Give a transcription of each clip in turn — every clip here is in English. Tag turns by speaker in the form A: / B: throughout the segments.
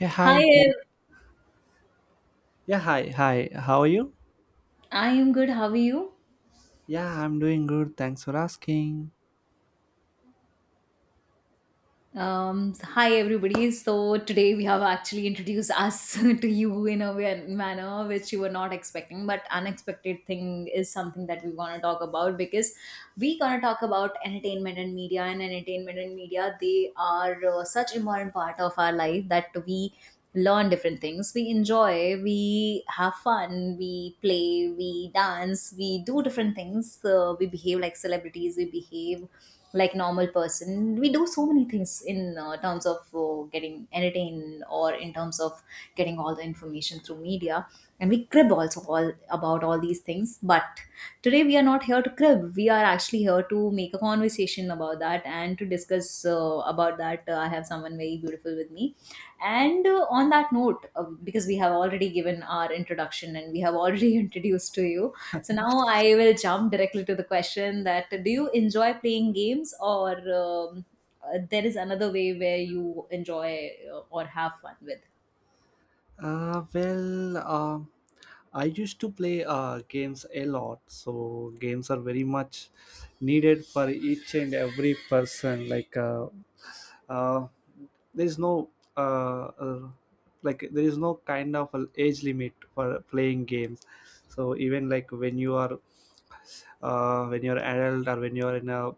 A: Yeah,
B: Hi,
A: hi. Yeah, hi. Hi. How are you?
B: I am good. How are you?
A: Yeah, I'm doing good. Thanks for asking.
B: Hi, everybody. So, today we have actually introduced us to you in a manner which you were not expecting, but unexpected thing is something that we want to talk about, because we going to talk about entertainment and media. And entertainment and media, they are such important part of our life that we learn different things, we enjoy, we have fun, we play, we dance, we do different things, we behave like celebrities, we behave like normal person. We do so many things in terms of getting entertained, or in terms of getting all the information through media. And we crib also all about all these things, but today we are not here to crib, we are actually here to make a conversation about that and to discuss about that. I have someone very beautiful with me, and on that note, because we have already given our introduction and we have already introduced to you, so now I will jump directly to the question that, do you enjoy playing games, or there is another way where you enjoy or have fun with?
A: Well, I used to play games a lot, so games are very much needed for each and every person. Like, uh, there is no uh, uh, like there is no kind of a age limit for playing games. So even like when you are when you're adult, or when you're in a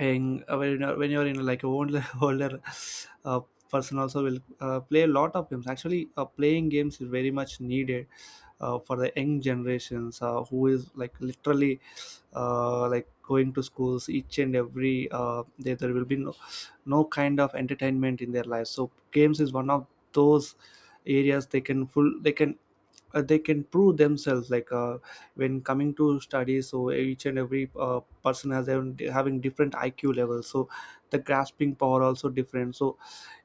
A: and when you're in like a older older uh, person also will play a lot of games. Actually playing games is very much needed for the young generations who is like literally like going to schools each and every day. There will be no kind of entertainment in their lives, so games is one of those areas they can full they can prove themselves. Like when coming to studies, so each and every person has having different IQ levels, so the grasping power also different. So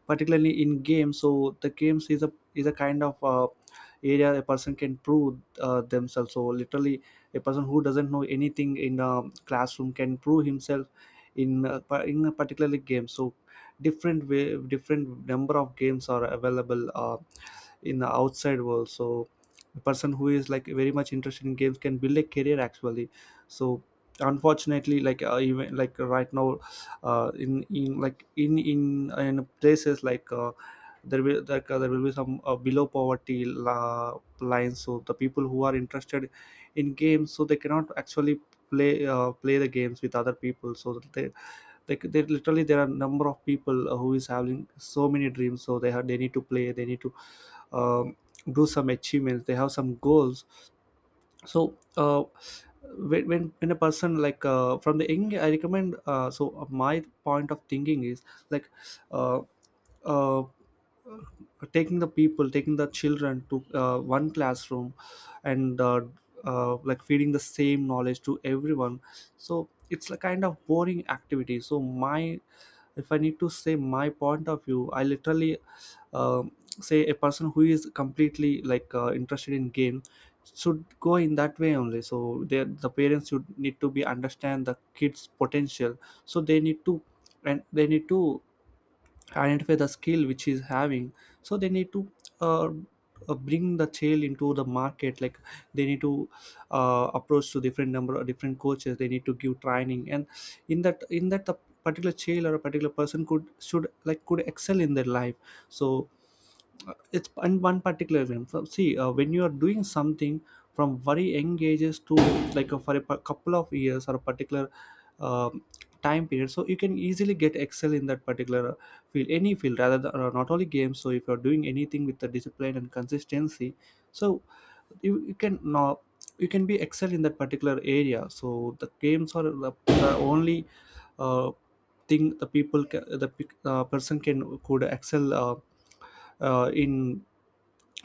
A: particularly in games, so the games is a kind of area a person can prove themselves. So literally a person who doesn't know anything in a classroom can prove himself in a particular game. So different way, different number of games are available in the outside world. So a person who is like very much interested in games can build a career actually. So unfortunately, even like right now in like in places, there will there will be some below poverty lines. So the people who are interested in games, so they cannot actually play the games with other people, so that they, like, they literally there are number of people who is having so many dreams. So they need to play, they need to um, do some achievements, they have some goals. So when a person, from the young I recommend. So my point of thinking is, like uh, uh, taking the children to one classroom and feeding the same knowledge to everyone. So it's a kind of boring activity. So my if I need to say my point of view, I literally um say a person who is completely, interested in game, should go in that way only. The parents should need to be understand the kids potential. So they need to, and they need to identify the skill which he's having. So they need to uh, bring the child into the market. Like they need to approach to different number of different coaches, they need to give training. And in that the particular child or a particular person could should like could excel in their life. so it's in one particular realm. So see, when you are doing something from very young ages to, for a couple of years, or a particular um time period, so you can easily get excel in that particular field, any field, rather than, or not only games. So if you're doing anything with the discipline and consistency, so you can now, you can be excel in that particular area. So the games are the only uh, thing the people ca- the pe- person can could excel in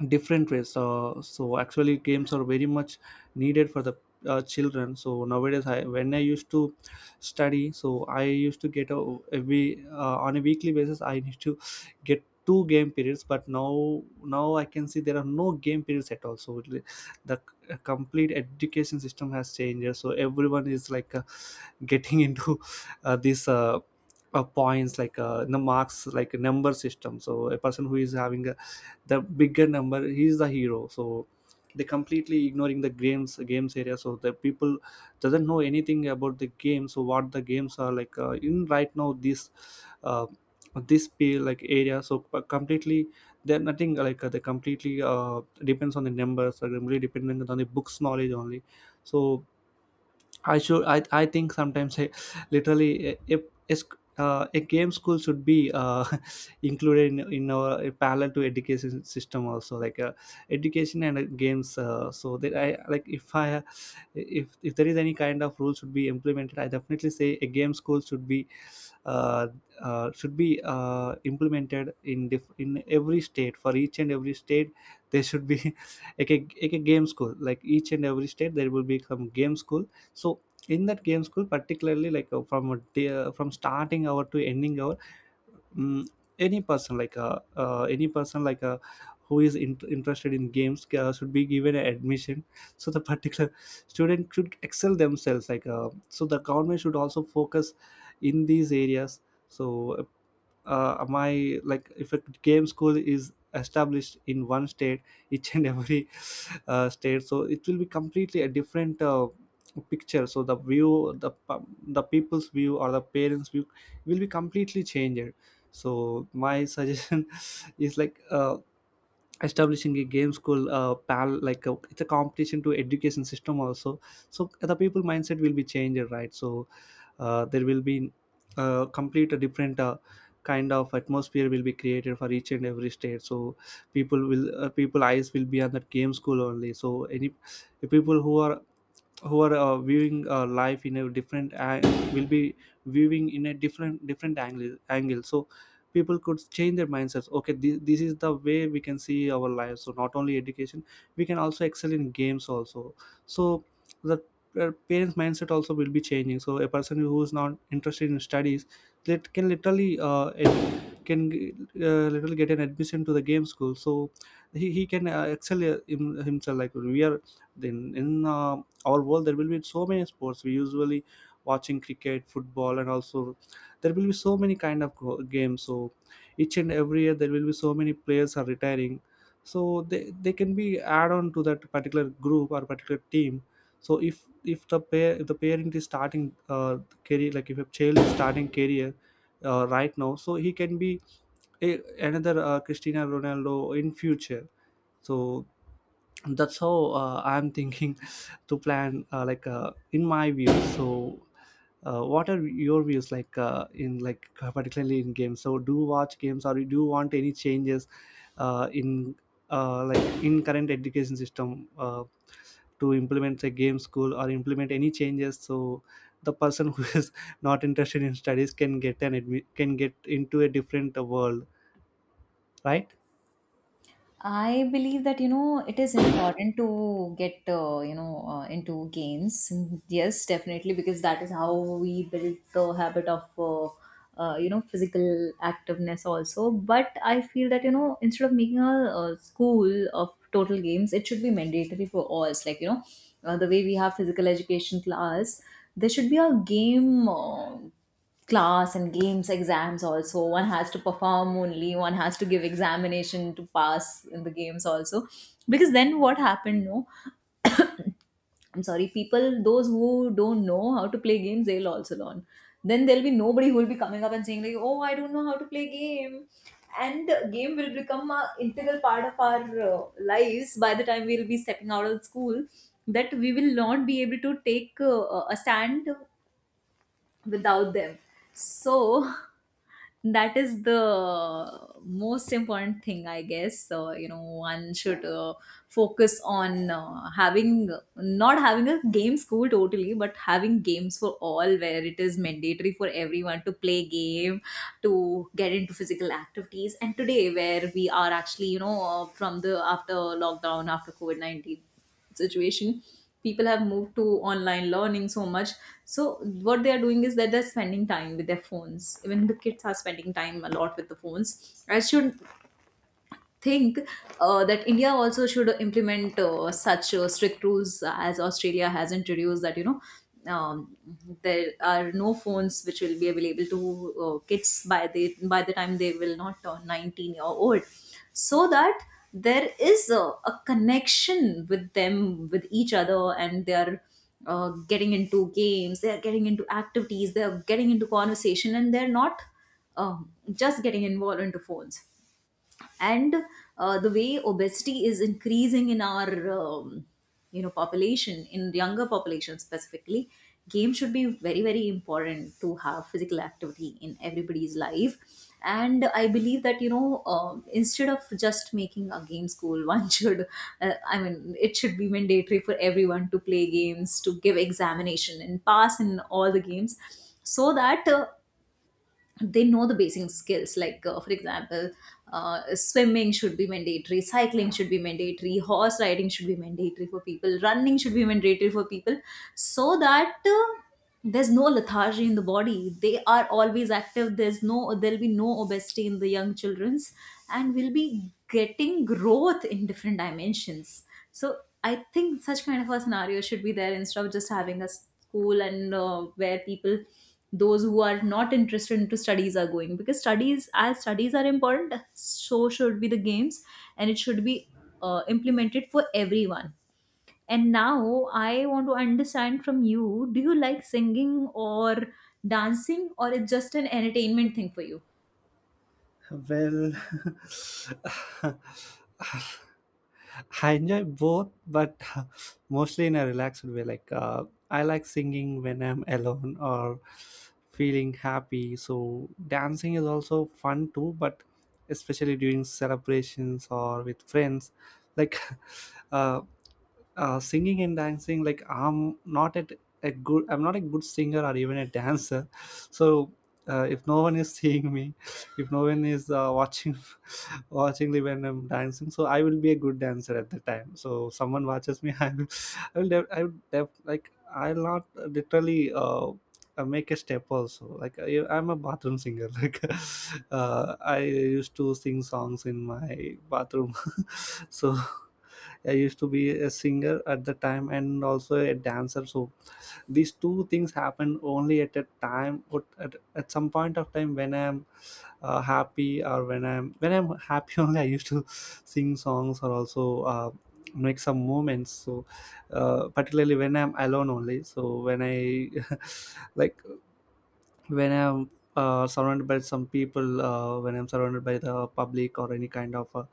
A: different ways. So actually games are very much needed for the children. So nowadays I When I used to study, I used to get a every, on a weekly basis I need to get two game periods. But now I can see there are no game periods at all. Complete education system has changed. So everyone is getting into this points, the marks, like a number system. So a person who is having a the bigger number, he's the hero. So they completely ignoring the games area. So the people doesn't know anything about the game. So what the games are in right now, this uh, area. So completely they're nothing, they completely depends on the numbers, or really dependent on the books knowledge only. So I should. I think sometimes I, literally, if is a game school should be included in our parallel to education system also, education and games. So that I like if I If there is any kind of rule should be implemented, I definitely say a game school should be uh, implemented in in every state, for each and every state. There should be like a game school, like each and every state there will be some game school. So in that game school, particularly from a day, from starting hour to ending hour, mm any person, who is interested in games, should be given an admission. So the particular student should excel themselves. So, the government should also focus in these areas. So my like if a game school is established in one state each and every state, so it will be completely a different picture. So the people's view or the parents view will be completely changed. So my suggestion is, establishing a game school, it's a competition to education system also. So the people mindset will be changed, right? There will be complete a different kind of atmosphere will be created for each and every state. So people eyes will be on that game school only. So any people who are, viewing life in a different will be viewing in a different angle. So people could change their mindsets. Okay, this is the way we can see our lives. So not only education, we can also excel in games also. So the parents mindset also will be changing. So a person who is not interested in studies, that can literally ed- can literally get an admission to the game school. So he can excel in himself. Like, we are then in all world, there will be so many sports we usually watching cricket, football, and also there will be so many kind of games. So each and every year, there will be so many players are retiring. So they can be add on to that particular group or particular team. So if the parent is starting career, like if a child is starting career right now, so he can be another Cristiano Ronaldo in future. So that's how I'm thinking to plan, in my view. So what are your views, in particularly in games? So do you watch games, or do you want any changes in in current education system to implement a game school or implement any changes? So the person who is not interested in studies can can get into a different world, right?
B: I believe that you know it is important to get into games. Yes, definitely, because that is how we build the habit of physical activeness also. But I feel that you know instead of making a school of total games, it should be mandatory for all. It's like, you know, the way we have physical education class, there should be a game. Class and games exams also, one has to perform. Only one has to give examination to pass in the games also, because then what happened, no, I'm sorry, people those who don't know how to play games they'll also learn. Then there'll be nobody who will be coming up and saying like, oh, I don't know how to play game, and the game will become a integral part of our lives. By the time we'll be stepping out of school, that we will not be able to take a stand without them. So that is the most important thing, I guess. So you know, one should focus on having not having a game school totally, but having games for all, where it is mandatory for everyone to play game, to get into physical activities. And today where we are actually, you know, from the after lockdown, after covid-19 situation, people have moved to online learning so much. So what they are doing is that they're spending time with their phones, even the kids are spending time a lot with the phones. I should think that India also should implement such strict rules as Australia has introduced, that you know, um, there are no phones which will be available to kids by the time they will not turn 19-year old, so that there is a connection with them with each other, and they are getting into games, they are getting into activities, they are getting into conversation, and they're not just getting involved into phones. And the way obesity is increasing in our you know population, in younger population specifically, game should be very very important to have physical activity in everybody's life. And I believe that you know, instead of just making a game school, one should I mean, it should be mandatory for everyone to play games, to give examination and pass in all the games, so that they know the basic skills, like for example, swimming should be mandatory, cycling should be mandatory, horse riding should be mandatory for people, running should be mandatory for people, so that there's no lethargy in the body, they are always active, there's no, there'll be no obesity in the young children's, and we'll be getting growth in different dimensions. So I think such kind of a scenario should be there, instead of just having a school and where people those who are not interested into studies are going, because studies as studies are important, so should be the games, and it should be implemented for everyone. And now I want to understand from you, do you like singing or dancing, or it's just an entertainment thing for you?
A: Well, I enjoy both, but mostly in a relaxed way. I like singing when I'm alone or feeling happy. So dancing is also fun too, but especially during celebrations or with friends. Like uh, singing and dancing, like I'm not a good singer or even a dancer so if no one is seeing me, if no one is watching watching me when I'm dancing, so I will be a good dancer at the time. So someone watches me I will, def- I will def- like I'll not literally make a step also. Like I'm a bathroom singer I used to sing songs in my bathroom so I used to be a singer at the time, and also a dancer. So these two things happen only at a time, but at some point of time when I'm happy, or when I'm happy only, I used to sing songs or also make some moments. So particularly when I'm alone only. So when I like when I'm surrounded by some people, when I'm surrounded by the public or any kind of uh,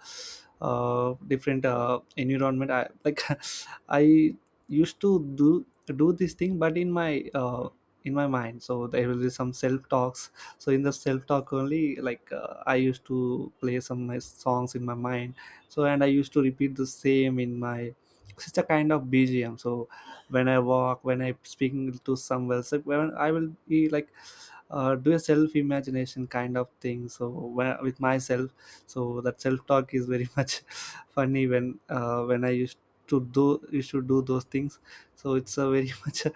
A: uh, different environment, I like I used to do this thing, but in my mind, so there will be some self talks. So in the self talk only, I used to play some nice songs in my mind. So and I used to repeat the same in my. It's a kind of BGM. So when I walk, when I speaking to someone, so when I will be like do a self imagination kind of thing so where, with myself so that self talk is very much funny when I used to do those things. So it's a very much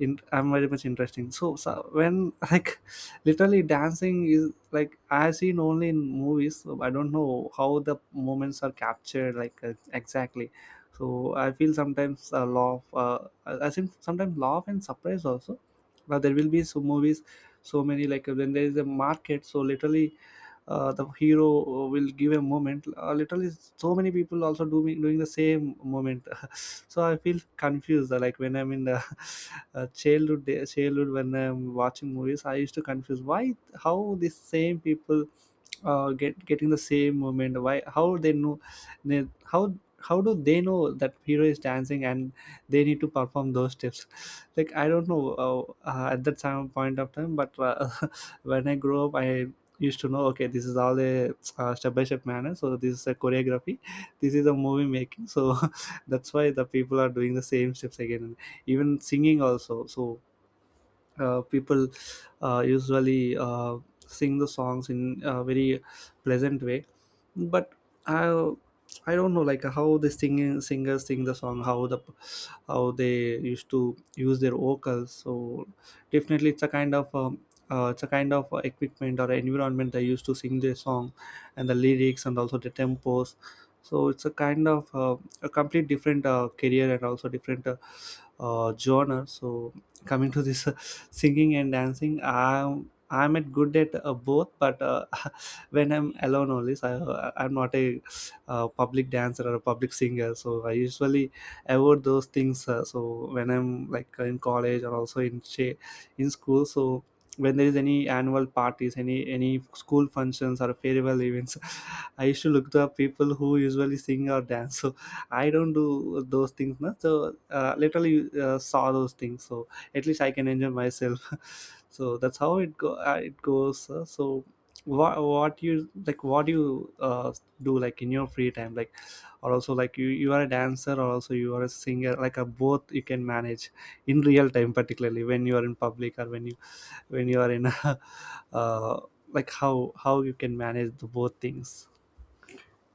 A: I'm very much interesting, so, so when like literally dancing is like I've seen only in movies, so I don't know how the moments are captured exactly. So I feel sometimes a laugh, I think sometimes laugh and surprise also. Now there will be some movies, so many like when there is a market, so literally the hero will give a moment, literally so many people also doing the same moment. So I feel confused, like when I'm in the childhood, when I'm watching movies I used to confuse why, how these same people getting the same movement, why, how they know, they, how do they know that hero is dancing and they need to perform those steps. Like I don't know, at that time point of time, but when I grew up I used to know, okay, this is all a step by step manner. So this is a choreography, this is a movie making, so that's why the people are doing the same steps again, and even singing also. So people usually sing the songs in a very pleasant way, but I don't know like how the singing singers sing the song, how the, how they used to use their vocals. So definitely it's a kind of it's a kind of equipment or environment they used to sing their song, and the lyrics and also the tempos. So it's a kind of a complete different career and also different genre. So coming to this singing and dancing, I'm at good at both, but when I'm alone only. So I'm not a public dancer or a public singer, so I usually avoid those things, so when I'm like in college or also in in school, so when there is any annual parties, any school functions or farewell events, I used to look to people who usually sing or dance. So I don't do those things, no? So literally saw those things, so at least I can enjoy myself. So that's how it go it goes, so what you like, what you do like in your free time, like, or also like you are a dancer or also you are a singer, like a both you can manage in real time, particularly when you are in public, or when you, when you are in a, uh, like how you can manage the both things?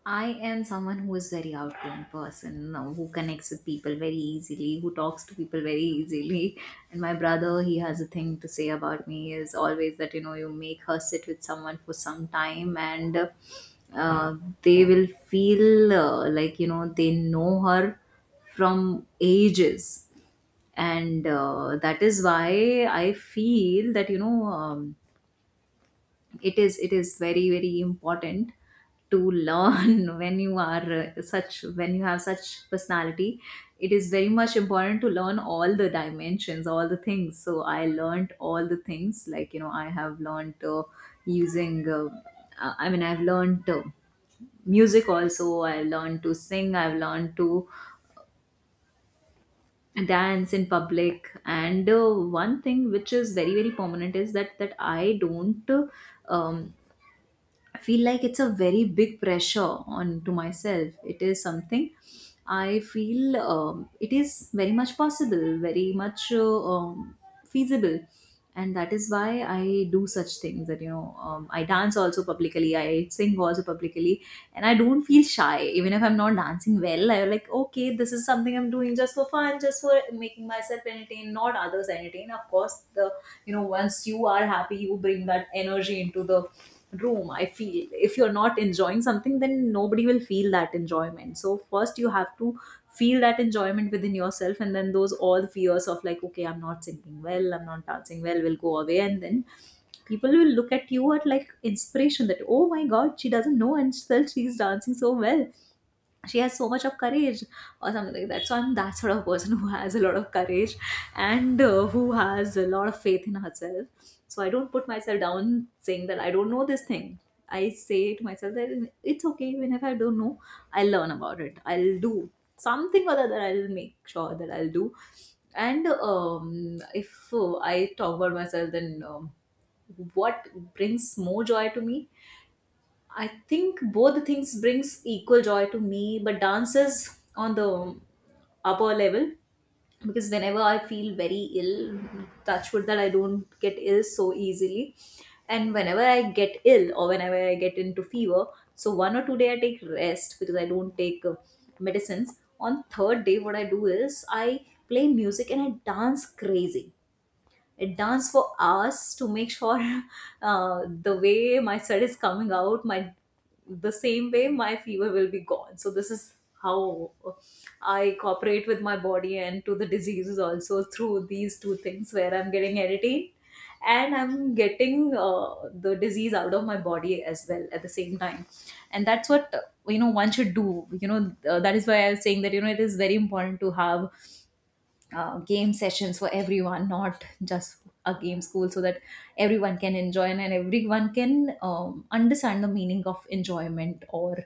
B: I am someone who is very outgoing person, who connects with people very easily, who talks to people very easily. And my brother, he has a thing to say about me is always that you know, you make her sit with someone for some time, and uh, they will feel like you know, they know her from ages. And that is why I feel that you know, it is, it is very very important to learn, when you are such, when you have such personality, it is very much important to learn all the dimensions, all the things. So I learned all the things, like you know, I have learned using I mean, I've learned music also, I learned to sing, I've learned to dance in public. And one thing which is very very permanent is that I don't um, I feel like it's a very big pressure on to myself. It is something I feel it is very much possible, very much feasible, and that is why I do such things. That you know, I dance also publicly, I sing also publicly, and I don't feel shy even if I'm not dancing well. I'm like, okay, this is something I'm doing just for fun, just for making myself entertain, not others entertain. Of course, the, you know, once you are happy, you bring that energy into the room. I feel if you're not enjoying something, then nobody will feel that enjoyment. So first you have to feel that enjoyment within yourself, and then those all the fears of like, okay, I'm not singing well, I'm not dancing well, will go away. And then people will look at you at like inspiration, that oh my god, she doesn't know, and still she's dancing so well, she has so much of courage, or something like that. So I'm that sort of person who has a lot of courage, and who has a lot of faith in herself. So I don't put myself down saying that I don't know this thing, I say to myself that it's okay, even if I don't know, I'll learn about it, I'll do something or the other, I'll make sure that I'll do. And if I talk about myself, then what brings more joy to me, I think both the things brings equal joy to me, but dance is on the upper level, because whenever I feel very ill, touch wood that I don't get ill so easily. And whenever I get ill, or whenever I get into fever, so 1 or 2 day I take rest, because I don't take medicines. On third day, what I do is, I play music and I dance crazy, it danced for hours to make sure the way my sweat is coming out, my the same way my fever will be gone. So this is how I cooperate with my body, and to the diseases also, through these two things, where I'm getting editing, and I'm getting the disease out of my body as well at the same time. And that's what you know, one should do. You know, that is why I was saying that you know, it is very important to have game sessions for everyone, not just a game school, so that everyone can enjoy, and everyone can understand the meaning of enjoyment, or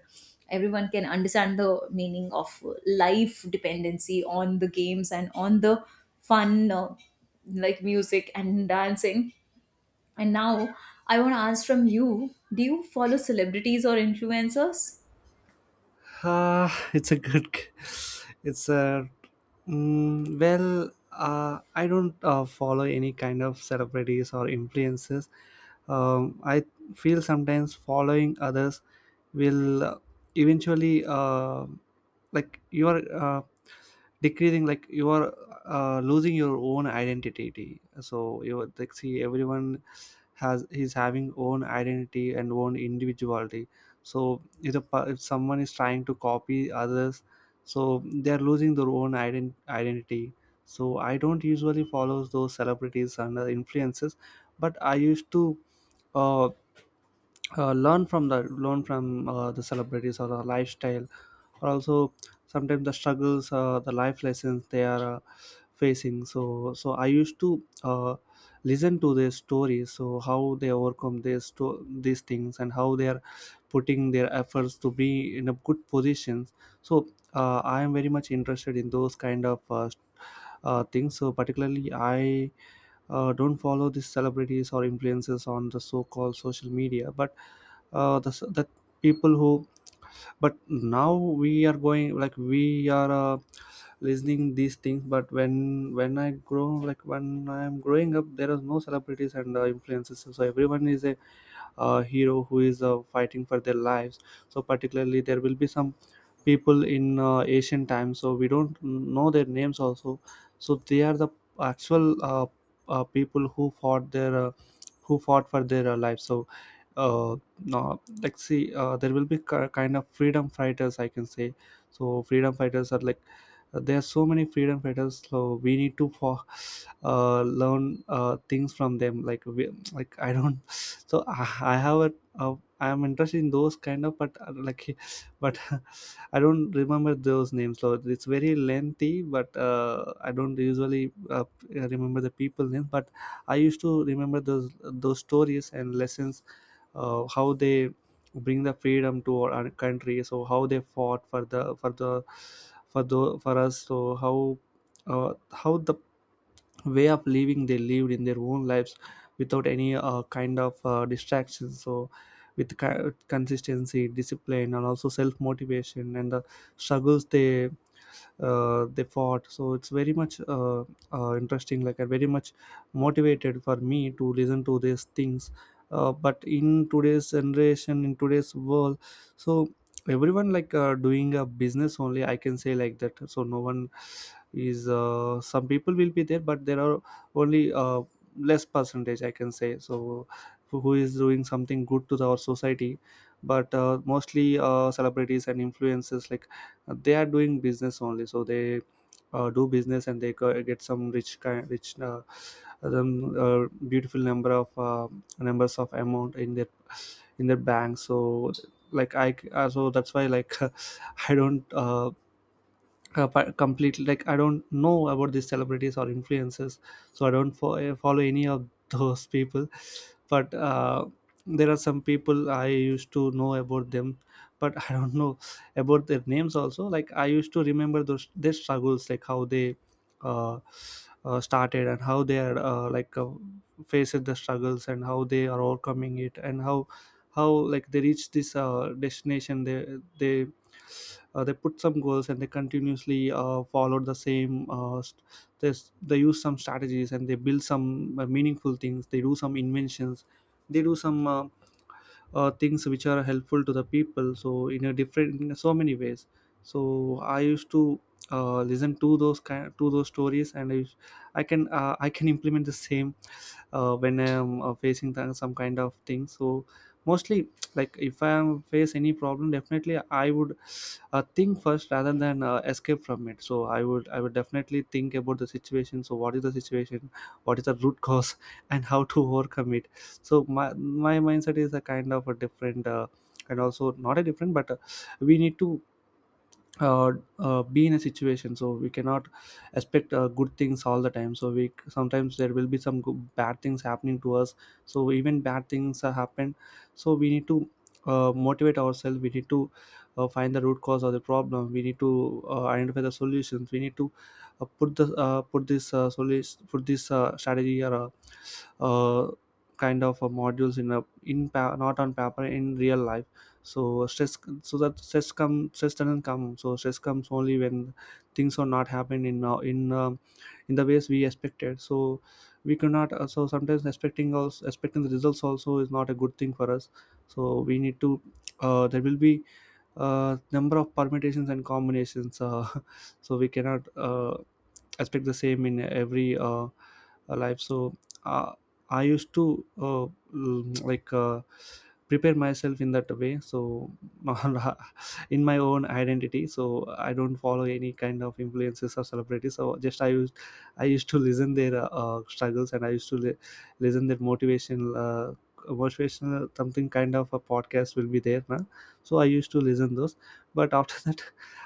B: everyone can understand the meaning of life dependency on the games, and on the fun, like music and dancing. And now I want to ask from you, do you follow celebrities or influencers?
A: Ah, it's a good. It's a well. I don't follow any kind of celebrities or influences. I feel sometimes following others will eventually like you are decreasing, like you are losing your own identity. So you would, like, see everyone has, he's having own identity and own individuality. So if, the, per- if someone is trying to copy others, so they're losing their own identity. So I don't usually follow those celebrities and influences, but I used to uh, learn from the celebrities or the lifestyle, or also sometimes the struggles, the life lessons they are facing. So I used to listen to their stories, so how they overcome these things, and how they are putting their efforts to be in a good positions. So I am very much interested in those kind of things. So particularly I don't follow these celebrities or influencers on the so-called social media, but the people who, but now we are going like we are listening these things, but when I grow, like when I am growing up, there are no celebrities and influences. So everyone is a hero who is fighting for their lives. So particularly there will be some people in ancient times, so we don't know their names also. So they are the actual people who fought their who fought for their life. So uh, no, like see, there will be kind of freedom fighters I can say. So freedom fighters are like, there are so many freedom fighters, so we need to for learn things from them. Like like I don't, so I have a I am interested in those kind of, but like but I don't remember those names. So it's very lengthy, but I don't usually remember the people names. But I used to remember those stories and lessons, how they bring the freedom to our country. So how they fought for us. So how the way of living they lived in their own lives without any kind of distraction. So with consistency, discipline, and also self motivation, and the struggles they fought. So it's very much interesting, like I very much motivated for me to listen to these things. But in today's generation, in today's world, so everyone like doing a business only, I can say like that. So no one is some people will be there, but there are only less percentage I can say, so who is doing something good to our society. But mostly celebrities and influencers like they are doing business only. So they do business and they get some rich beautiful number of numbers of amount in their bank. So like so that's why like, I don't completely like I don't know about these celebrities or influencers. So I don't follow any of those people. But there are some people I used to know about them, but I don't know about their names also. Like I used to remember those their struggles, like how they uh, started, and how they are faced the struggles, and how they are overcoming it, and how like they reach this destination. They they put some goals and they continuously followed the same this, they use some strategies and they build some meaningful things, they do some inventions, they do some things which are helpful to the people, so in a different, in so many ways. So I used to listen to those kind to those stories, and I can I can implement the same when I am facing some kind of thing. So mostly, like if I am face any problem, definitely I would think first rather than escape from it. So I would, I would definitely think about the situation, so what is the situation, what is the root cause, and how to overcome it. So my mindset is a kind of a different, and also not a different, but we need to uh, be in a situation, so we cannot expect good things all the time. So we sometimes there will be some good, bad things happening to us. So even bad things are happen, so we need to motivate ourselves, we need to find the root cause of the problem, we need to identify the solutions, we need to put the, put this solution, put this strategy or uh, uh, kind of modules in a not on paper, in real life. So stress, so that stress doesn't come. So stress comes only when things are not happening in the ways we expected. So we cannot, so sometimes expecting the results also is not a good thing for us. So we need to there will be number of permutations and combinations, so we cannot expect the same in every life. So uh, I used to mm, like uh, prepare myself in that way. So in my own identity, so I don't follow any kind of influences or celebrities. So just I used to listen their struggles, and I used to listen their motivational something kind of a podcast will be there now. So I used to listen those, but after that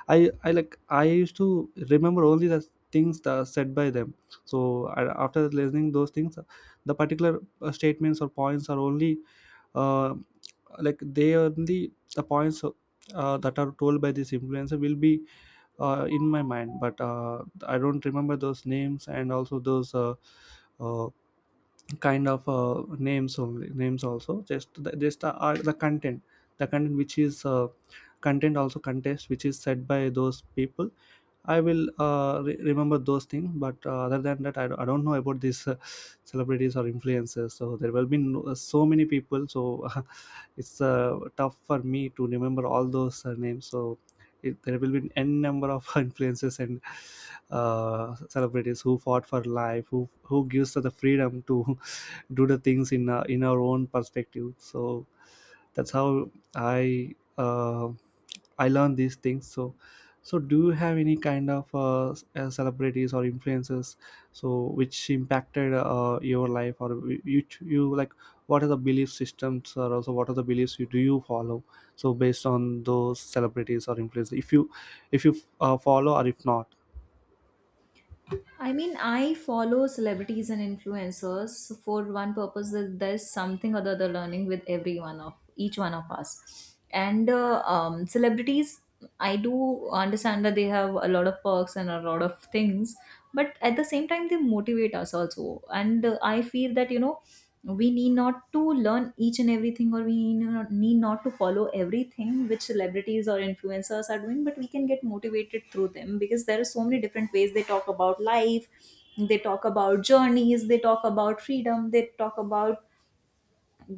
A: I like I used to remember only the things that are said by them. So I, after listening those things, the particular statements or points are only uh, like they only the points that are told by this influencer will be in my mind, but I don't remember those names, and also those uh, kind of names, only names also, just the content, the content which is content also contest which is said by those people, I will remember those things. But other than that I don't know about these celebrities or influencers. So there will be no, so many people, so it's tough for me to remember all those names. So it, there will be n number of influences and celebrities who fought for life, who gives us the freedom to do the things in in our own perspective. So that's how I I learned these things. So, so do you have any kind of celebrities or influences, so which impacted your life, or you like what are the belief systems, or also what are the beliefs you do you follow, so based on those celebrities or influences, if you, if you follow or if not?
B: I mean, I follow celebrities and influencers for one purpose, that there's something or the other learning with every one of, each one of us. And celebrities, I do understand that they have a lot of perks and a lot of things, but at the same time, they motivate us also. And I feel that we need not to learn each and everything or we need not, to follow everything which celebrities or influencers are doing, but we can get motivated through them because there are so many different ways. They talk about life, they talk about journeys, they talk about freedom, they talk about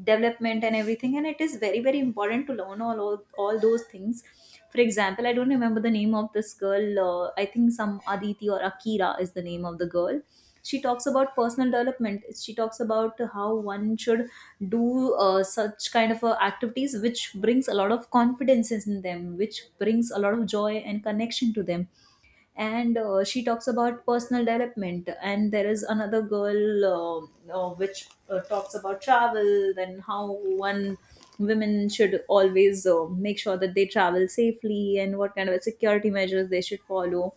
B: development and everything, and it is very very important to learn all those things. For example, I don't remember the name of this girl. I think some Aditi or Akira is the name of the girl. She talks about personal development. She talks about how one should do such kind of activities which brings a lot of confidence in them, which brings a lot of joy and connection to them. And she talks about personal development. And there is another girl which talks about travel, then how one women should always make sure that they travel safely and what kind of security measures they should follow.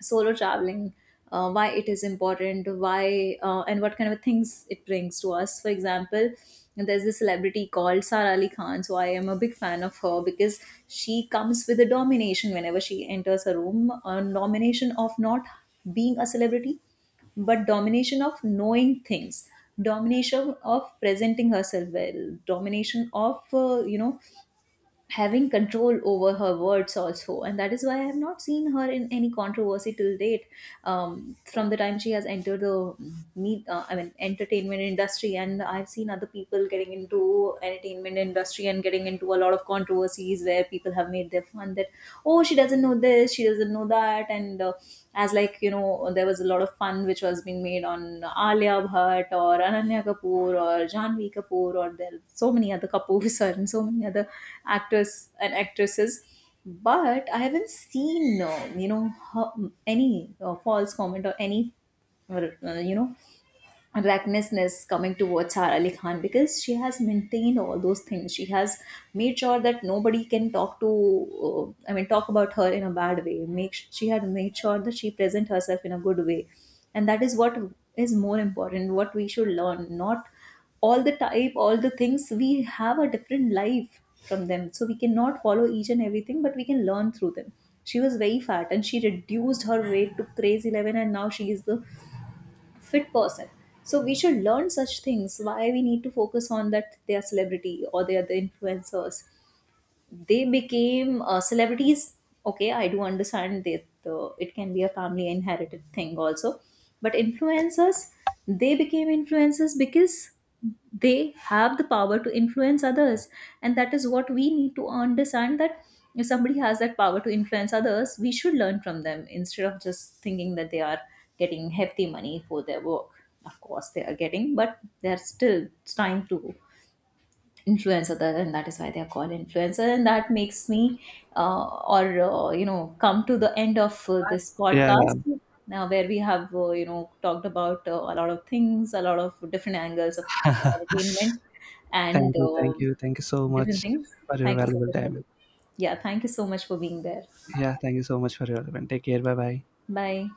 B: Solo traveling, why it is important, why and what kind of things it brings to us. For example, there's this celebrity called Sara Ali Khan. So I am a big fan of her because she comes with a domination whenever she enters a room. A domination of not being a celebrity, but domination of knowing things, domination of presenting herself well, domination of uh, you know having control over her words also, and that is why I have not seen her in any controversy till date. From the time she has entered the mm, meet I mean entertainment industry, and I've seen other people getting into entertainment industry and getting into a lot of controversies where people have made their fun that, oh, she doesn't know this, she doesn't know that. And as like you know There was a lot of fun which was being made on Alia Bhatt or Ananya Kapoor or Janvi Kapoor, or there are so many other Kapoors and so many other actors and actresses. But I haven't seen her, any false comment or any or, uh, you know recklessness coming towards Sara Ali Khan, because she has maintained all those things. She has made sure that nobody can talk to, talk about her in a bad way. Make, she had made sure that she present herself in a good way, and that is what is more important. What we should learn, not all the type, all the things. We have a different life from them, so we cannot follow each and everything, but we can learn through them. She was very fat and she reduced her weight to crazy 11, and now she is the fit person. So we should learn such things. Why we need to focus on that, they are celebrity or they are the influencers, they became celebrities. Okay, I do understand that it can be a family inherited thing also, but influencers, they became influencers because they have the power to influence others, and that is what we need to understand, that if somebody has that power to influence others, we should learn from them instead of just thinking that they are getting hefty money for their work. Of course, they are getting, but they're still trying to influencer that, and that is why they are called influencer. And that makes me or you know come to the end of this
A: Yeah.
B: podcast now, where we have talked about a lot of things, a lot of different angles of entertainment and
A: thank you thank
B: um,
A: you thank you so
B: different
A: much
B: things.
A: for your
B: Thank you so
A: valuable
B: much for
A: time.
B: being- Yeah, thank you so much for being there.
A: Yeah, thank you so much for your event. Take care. Bye bye.
B: Bye.